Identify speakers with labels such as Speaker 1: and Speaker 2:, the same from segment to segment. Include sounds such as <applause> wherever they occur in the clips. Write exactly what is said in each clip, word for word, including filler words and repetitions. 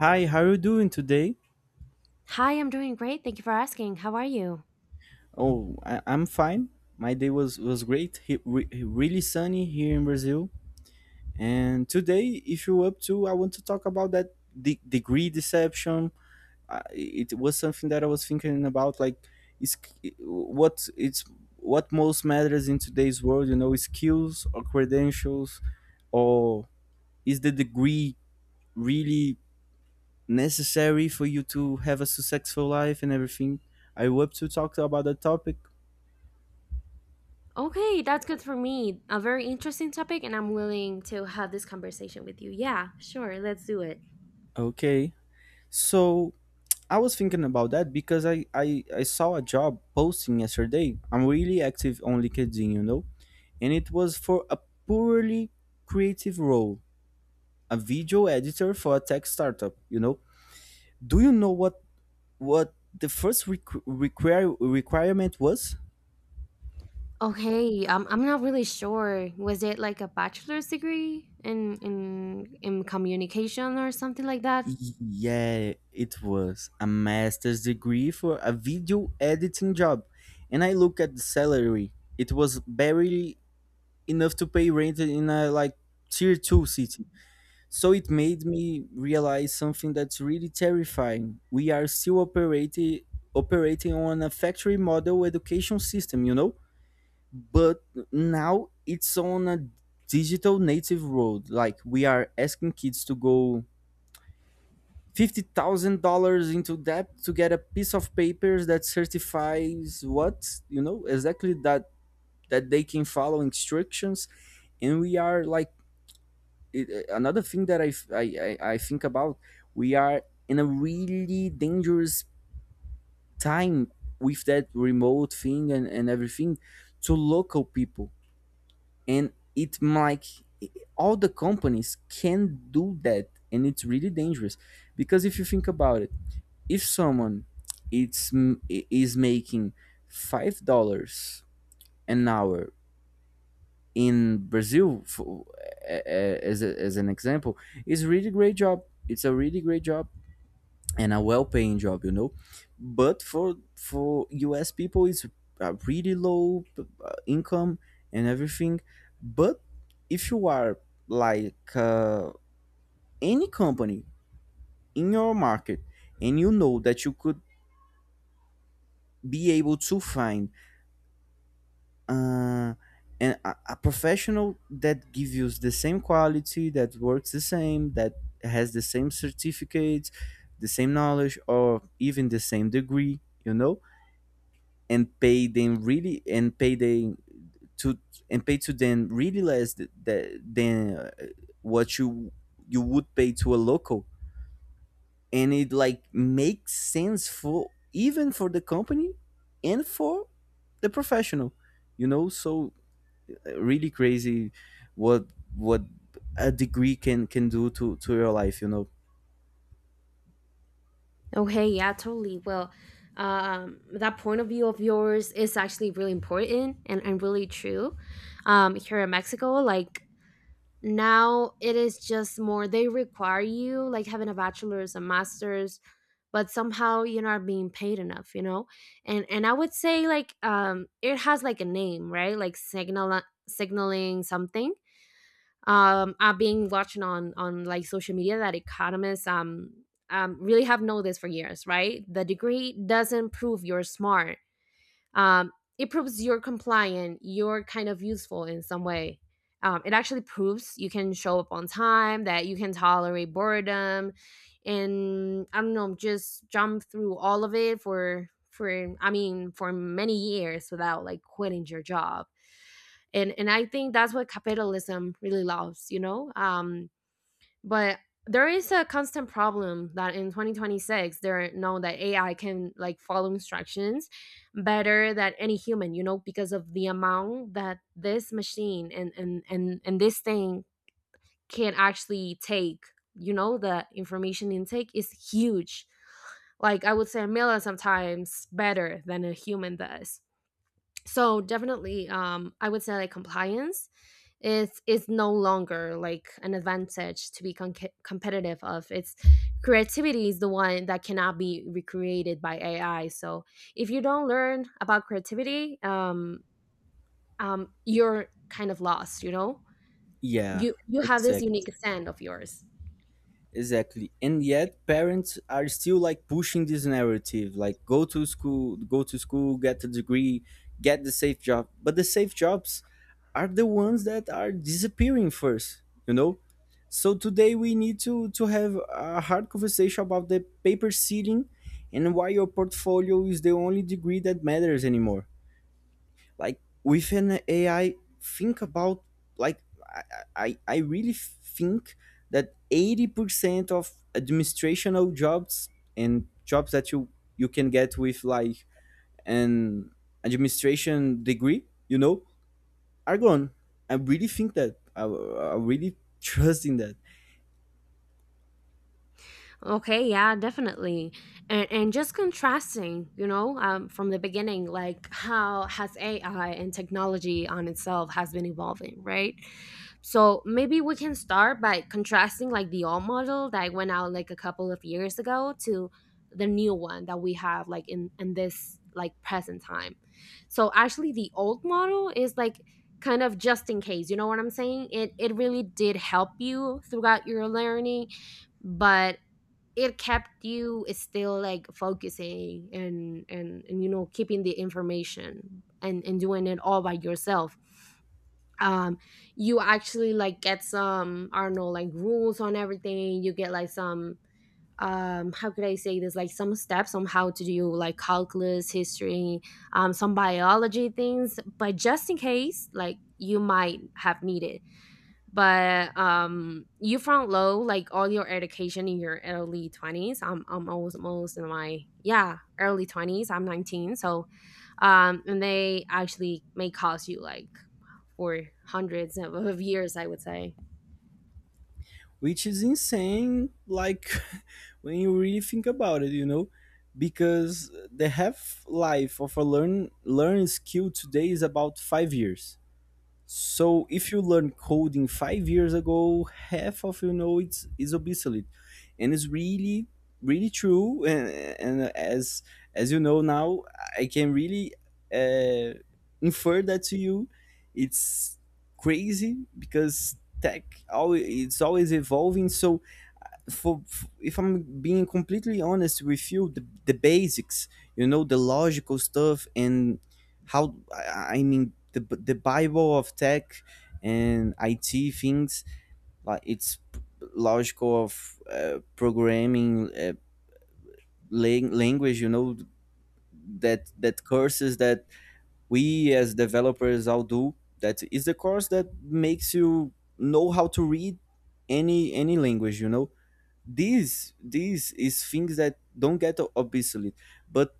Speaker 1: Hi, how are you doing today?
Speaker 2: Hi, I'm doing great. Thank you for asking. How are you?
Speaker 1: Oh, I, I'm fine. My day was was great. He, re, really sunny here in Brazil. And today, if you're up to, I want to talk about that de- degree deception. Uh, it was something that I was thinking about. Like, is what it's what most matters in today's world. You know, skills or credentials, or is the degree really necessary for you to have a successful life and everything. Are you up to talk about that topic?
Speaker 2: Okay, that's good for me. A very interesting topic, and I'm willing to have this conversation with you. Yeah, sure. Let's do it.
Speaker 1: Okay. So I was thinking about that because I, I, I saw a job posting yesterday. I'm really active on LinkedIn, you know? And it was for a purely creative role, a video editor for a tech startup, you know? Do you know what what the first requ- require requirement was?
Speaker 2: Okay, um, I'm not really sure. Was it like a bachelor's degree in in in communication or something like that?
Speaker 1: Yeah, it was a master's degree for a video editing job. And I look at the salary. It was barely enough to pay rent in a like tier two city. So it made me realize something that's really terrifying. We are still operating operating on a factory model education system, you know? But now it's on a digital native road. Like we are asking kids to go fifty thousand dollars into debt to get a piece of papers that certifies what, you know, exactly that that they can follow instructions, and we are like it, another thing that I, f- I- I- I think about. We are in a really dangerous time with that remote thing and, and everything to local people, and it like all the companies can do that, and it's really dangerous because if you think about, if someone it's is making five dollars an hour in Brazil, for, as a, as an example, is really great job. It's a really great job and a well-paying job, you know. But for for U S people, it's a really low uh, income and everything. But if you are like uh, any company in your market, and you know that you could be able to find uh, and a, a professional that gives you the same quality, that works the same, that has the same certificates, the same knowledge, or even the same degree, you know, and pay them really and pay them to and pay to them really less th- th- than uh, what you you would pay to a local, and it like makes sense, for even for the company and for the professional, you know. So really crazy what what a degree can can do to to your life, you know.
Speaker 2: Okay, yeah, totally. Well, um, that point of view of yours is actually really important and, and really true. Um, here in Mexico, like now it is just more they require you like having a bachelor's, a master's, but somehow you're not being paid enough, you know? And and I would say like um it has like a name, right? Like signal signaling something. Um I've been watching on on like social media that economists um um really have known this for years, right? The degree doesn't prove you're smart, um, it proves you're compliant, you're kind of useful in some way. Um, it actually proves you can show up on time, that you can tolerate boredom, and I don't know, just jump through all of it for for I mean for many years without like quitting your job. And and I think that's what capitalism really loves, you know? Um but there is a constant problem that in twenty twenty-six, there know that AI can like follow instructions better than any human, you know, because of the amount that this machine and and and, and this thing can actually take. You know, the information intake is huge. Like I would say a million sometimes better than a human does. So definitely, um I would say like compliance is is no longer like an advantage to be con- competitive of. It's creativity is the one that cannot be recreated by AI. So if you don't learn about creativity, um um you're kind of lost, you know.
Speaker 1: Yeah,
Speaker 2: you you have this
Speaker 1: exactly.
Speaker 2: unique stand of yours.
Speaker 1: Exactly, and yet parents are still like pushing this narrative like go to school, go to school, get a degree, get the safe job. But the safe jobs are the ones that are disappearing first, you know. So today we need to to have a hard conversation about the paper ceiling and why your portfolio is the only degree that matters anymore. Like with an AI, think about, like, i i, I really think that eighty percent of administrational jobs and jobs that you you can get with like an administration degree, you know, are gone. I really think that i, I really <laughs> trust in that.
Speaker 2: Okay, yeah, definitely. And, and Just contrasting, you know, um, from the beginning, like how has A I and technology on itself has been evolving, right? So maybe we can start by contrasting like the old model that went out like a couple of years ago to the new one that we have like in, in this like present time. So actually the old model is like kind of just in case, you know what I'm saying? It it really did help you throughout your learning, but it kept you still like focusing and and and you know keeping the information and and doing it all by yourself. um you actually like get some, I don't know, like rules on everything. You get like some, um how could I say this, like some steps on how to do like calculus, history, um some biology things, but just in case like you might have needed. But um you front low like all your education in your early twenties. I'm i'm almost almost in my, yeah, early twenties. I'm nineteen. So um and they actually may cost you like for hundreds of, of years, I would say.
Speaker 1: Which is insane, like <laughs> when you really think about it, you know, because the half life of a learn learn skill today is about five years. So if you learn coding five years ago, half of, you know, it's is obsolete, and it's really really true. <laughs> And, and as as you know now, I can really uh, infer that to you. It's crazy because tech always it's always evolving. So for, f if I'm being completely honest with you, the, the basics, you know, the logical stuff, and how I I mean the the Bible of tech and I T things, like it's p- logical of uh, programming uh, lang- language, you know, that that courses that we as developers all do. That is the course that makes you know how to read any any language, you know. This this is things that don't get obsolete. But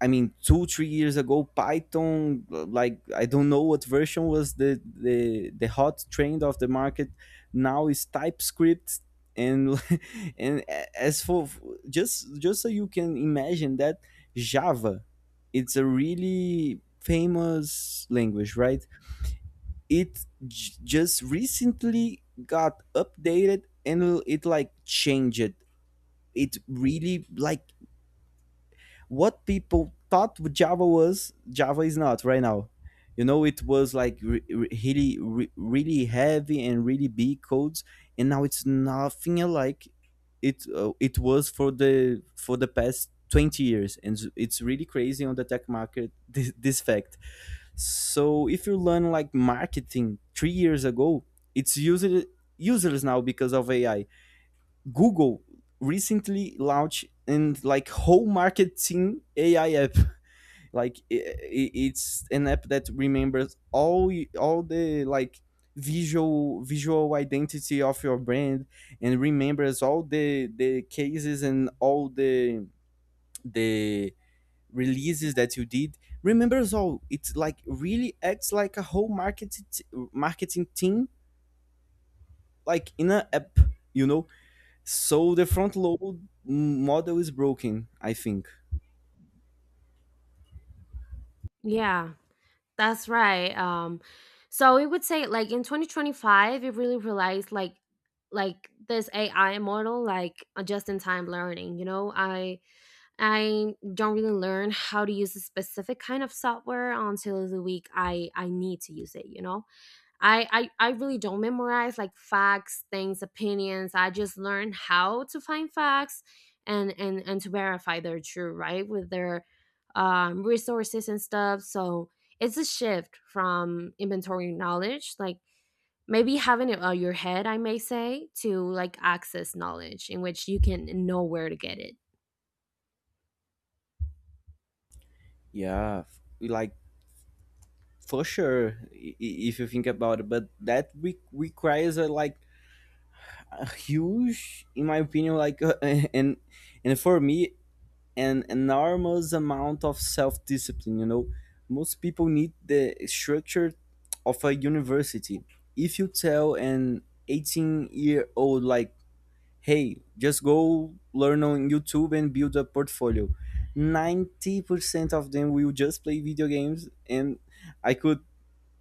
Speaker 1: I mean, two three years ago, Python, like I don't know what version, was the the the hot trend of the market. Now is TypeScript, and <laughs> and as for, just just so you can imagine that Java, it's a really famous language, right? It j- just recently got updated and it like changed. It really like, what people thought Java was, Java is not right now. You know, it was like re- re- really, re- really heavy and really big codes, and now it's nothing like it uh, it was for the for the past twenty years, and s- it's really crazy on the tech market <laughs> this, this fact. So if you learn like marketing three years ago, it's user useless now because of A I. Google recently launched and like whole marketing A I app. Like I It's an app that remembers all all the like visual visual identity of your brand, and remembers all the the cases and all the the releases that you did, remembers all. It's like really acts like a whole marketing marketing team, like in an app, you know. So the front load model is broken, I think.
Speaker 2: Yeah, that's right. Um so we would say like in twenty twenty-five it really realized like like this AI model like a just-in-time learning, you know. i I don't really learn how to use a specific kind of software until the week I I need to use it, you know? I I, I really don't memorize like facts, things, opinions. I just learn how to find facts and and and to verify they're true, right? With their um resources and stuff. So it's a shift from inventory knowledge, like maybe having it on your head, I may say, to like access knowledge in which you can know where to get it.
Speaker 1: Yeah, f- like for sure, i- i- if you think about it. But that re- requires a like a huge, in my opinion, like uh, <laughs> and and for me, an enormous amount of self discipline. You know, most people need the structure of a university. If you tell an eighteen year old, like, hey, just go learn on YouTube and build a portfolio. ninety percent of them will just play video games, and I could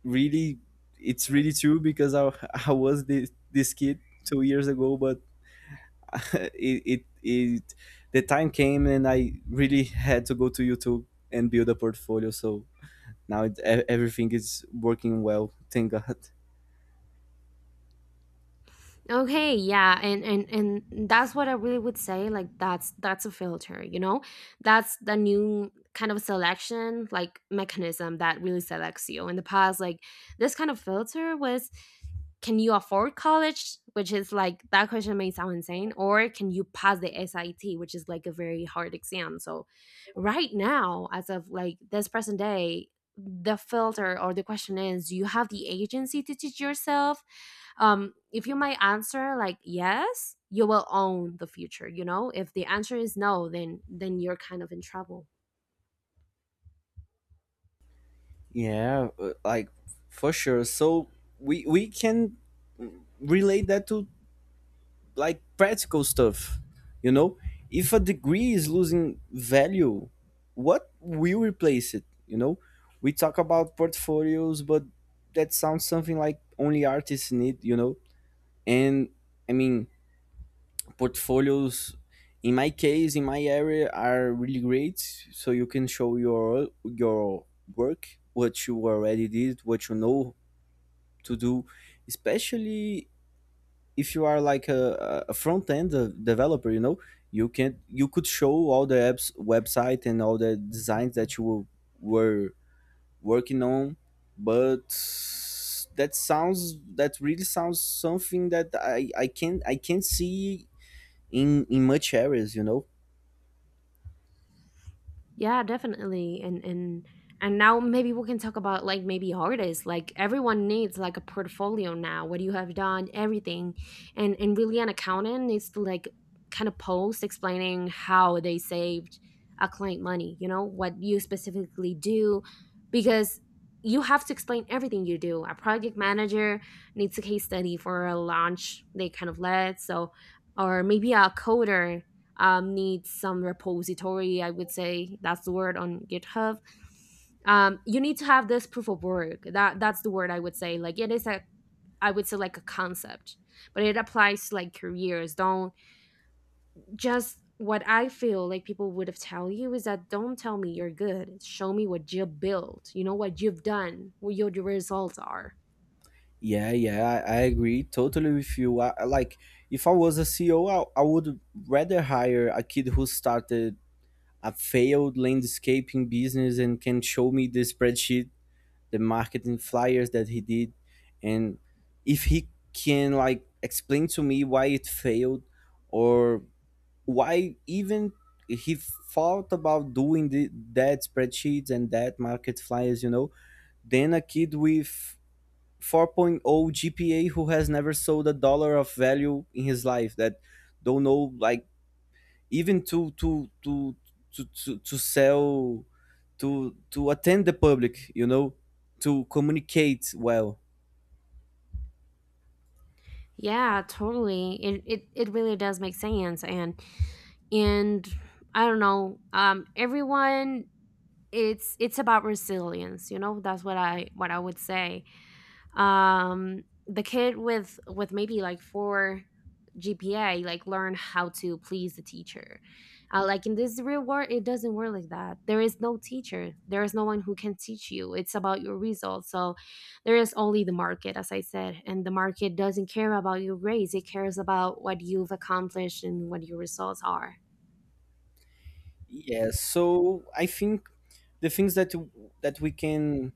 Speaker 1: really it's really true, because I, <laughs> I was this, this kid two years ago, but <laughs> it, it it the time came and I really had to go to YouTube and build a portfolio. So now it, e- everything is working well, thank god.
Speaker 2: Okay, yeah, and and and that's what I really would say. Like that's that's a filter, you know, that's the new kind of selection like mechanism that really selects you. In the past, like this kind of filter was, can you afford college? Which is like that question may sound insane. Or can you pass the S I T, which is like a very hard exam. So right now, as of like this present day, the filter or the question is, do you have the agency to teach yourself? Um if you might answer like yes, you will own the future, you know. If the answer is no, then then you're kind of in trouble.
Speaker 1: Yeah, uh, like for sure. So we we can relate that to like practical stuff. You know, if a degree is losing value, what will replace it? You know, we talk about portfolios, but that sounds something like only artists need. You know, and I mean portfolios. In my case, in my area, are really great. So you can show your your work, what you already did, what you know to do, especially if you are like a, a front end developer. You know, you can you could show all the apps website and all the designs that you were were working on. But that sounds, that really sounds something that I I can I can not see in in much areas. You know.
Speaker 2: Yeah, definitely. And and and now maybe we can talk about like maybe artists. Like everyone needs like a portfolio now, what you have done, everything. And and Really an accountant needs to like kind of post explaining how they saved a client money, you know, what you specifically do, because you have to explain everything you do. A project manager needs a case study for a launch they kind of led. So or maybe a coder, um, needs some repository. I would say that's the word, on GitHub. Um, you need to have this proof of work. That that's the word I would say. Like it is a, I would say like a concept, but it applies to like careers. Don't, just what I feel like people would have tell you is that don't tell me you're good. Show me what you built. You know what you've done. What your results are.
Speaker 1: Yeah, yeah, I, I agree totally with you. I, I like, if I was a C E O, I I would rather hire a kid who started a failed landscaping business and can show me the spreadsheet, the marketing flyers that he did, and if he can like explain to me why it failed, or why even he thought about doing the, that spreadsheets and that market flyers, you know, then a kid with 4.0 point oh G P A who has never sold a dollar of value in his life, that don't know like even to to to to to, to sell, to to attend the public, you know, to communicate well.
Speaker 2: Yeah, totally. It, it it really does make sense. and and I don't know. Um everyone, it's it's about resilience, you know. That's what i what I would say. Um the kid with with maybe like four GPA, like learn how to please the teacher. Uh, like in this real world it doesn't work like that. There is no teacher, there is no one who can teach you. It's about your results. So there is only the market, as I said, and the market doesn't care about your grades. It cares about what you've accomplished and what your results are.
Speaker 1: Yes, so I think the things that that we can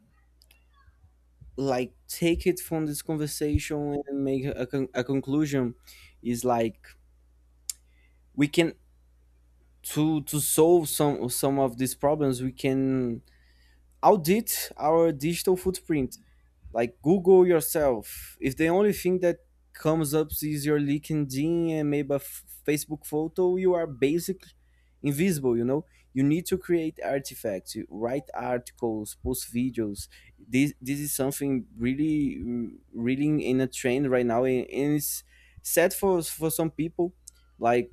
Speaker 1: like take it from this conversation and make a, con- a conclusion is like, we can, to to solve some some of these problems, we can audit our digital footprint. Like Google yourself. If the only thing that comes up is your LinkedIn and maybe a f- Facebook photo, you are basically invisible. You know, you need to create artifacts, you write articles, post videos. This this is something really, really in a trend right now, and, and it's sad for for some people. Like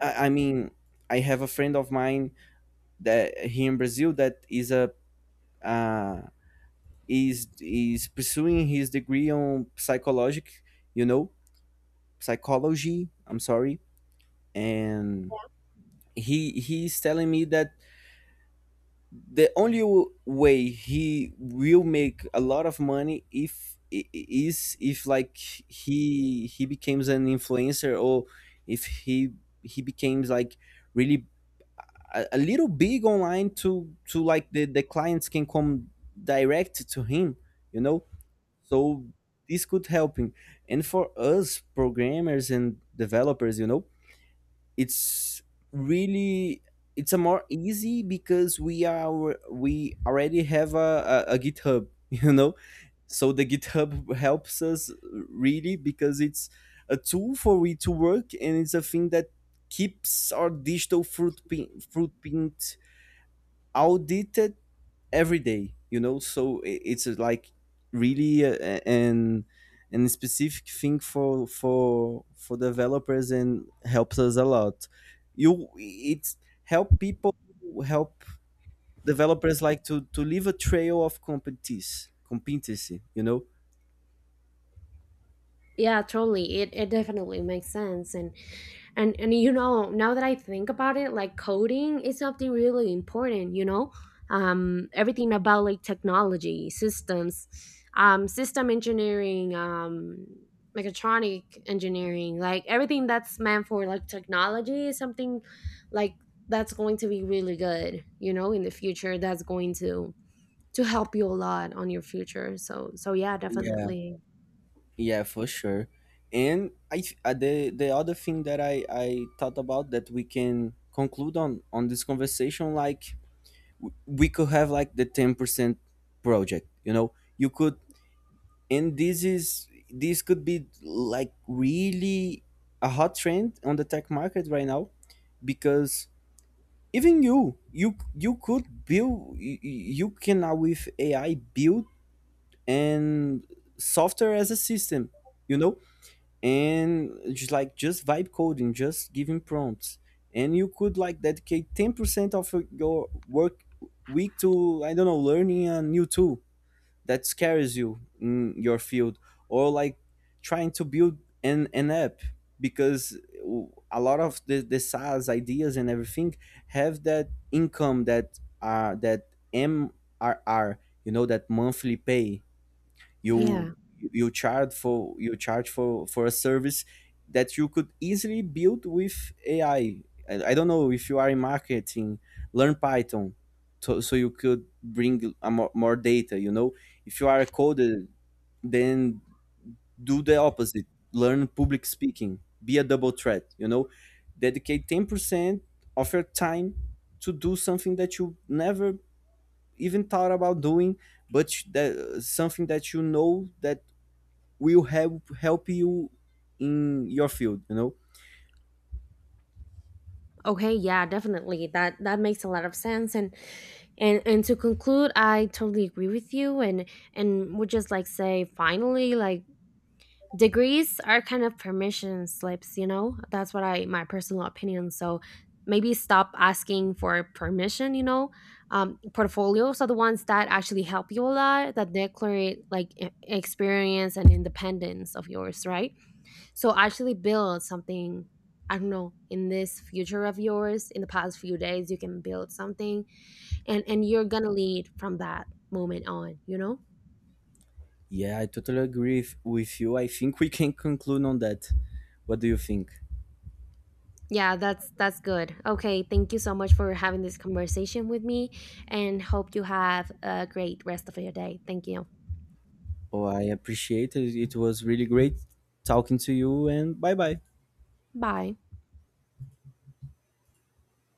Speaker 1: I, I mean, I have a friend of mine that here in Brazil that is a uh, is is pursuing his degree on psychologic, you know, psychology. I'm sorry. And he he's telling me that the only w- way he will make a lot of money if I- I- is if like he he becomes an influencer, or if he he becomes like really a, a little big online, to to like the the clients can come direct to him, you know. So this could help him. And for us programmers and developers, you know, it's really, it's a more easy, because we are we already have a, a, a github <laughs> you know. So the github helps us really, because it's a tool for we to work, and it's a thing that keeps our digital footprint footprint audited every day, you know. So i- it's uh, like really uh, a- an an specific thing for for for developers, and helps us a lot. You, it's help people, help developers, like to to leave a trail of competence competency, you know.
Speaker 2: Yeah, totally. It, it definitely makes sense. And and and you know, now that I think about it, like coding is something really important, you know. Um everything about like technology systems, um system engineering, um mechatronic engineering, like everything that's meant for like technology is something like that's going to be really good, you know, in the future. That's going to to help you a lot on your future. So so yeah,
Speaker 1: Yeah,
Speaker 2: definitely.
Speaker 1: yeah, for sure. And i th- uh, the the other thing that i I thought about that we can conclude on on this conversation, like we could have like the ten percent project, you know. You could, and this is this could be like really a hot trend on the tech market right now, because even you you you could build, you, you can now with AI build and software as a system, you know, and just like just vibe coding, just giving prompts, and you could like dedicate ten percent of your work week to, I don't know, learning a new tool that scares you in your field, or like trying to build an an app. Because a lot of the, the SaaS ideas and everything have that income, that uh that M R R, you know, that monthly pay you,
Speaker 2: Yeah.
Speaker 1: you charge for you charge for for a service, that you could easily build with AI. i, I, I don't know, if you are in marketing, learn python, so, so you could bring a more, more data, you know. If you are a coder, then do the opposite. Learn public speaking, be a double threat, you know. Dedicate ten percent of your time to do something that you never even thought about doing, but that something that you know that will help help you in your field, you know.
Speaker 2: Okay, yeah, definitely. That that makes a lot of sense. And and and to conclude, I totally agree with you. and and would just like say finally, like degrees are kind of permission slips, you know? That's what I, my personal opinion. So maybe stop asking for permission, you know? Um, portfolios are the ones that actually help you a lot, that declare like e- experience and independence of yours, right? So actually build something. I don't know, in this future of yours, in the past few days, you can build something. And and You're gonna lead from that moment on, you know?
Speaker 1: Yeah, I totally agree with with you. I think we can conclude on that. What do you think?
Speaker 2: Yeah, that's that's good. Okay, thank you so much for having this conversation with me, and hope you have a great rest of your day. Thank you.
Speaker 1: Oh, I appreciate it. It was really great talking to you. And bye bye.
Speaker 2: Bye.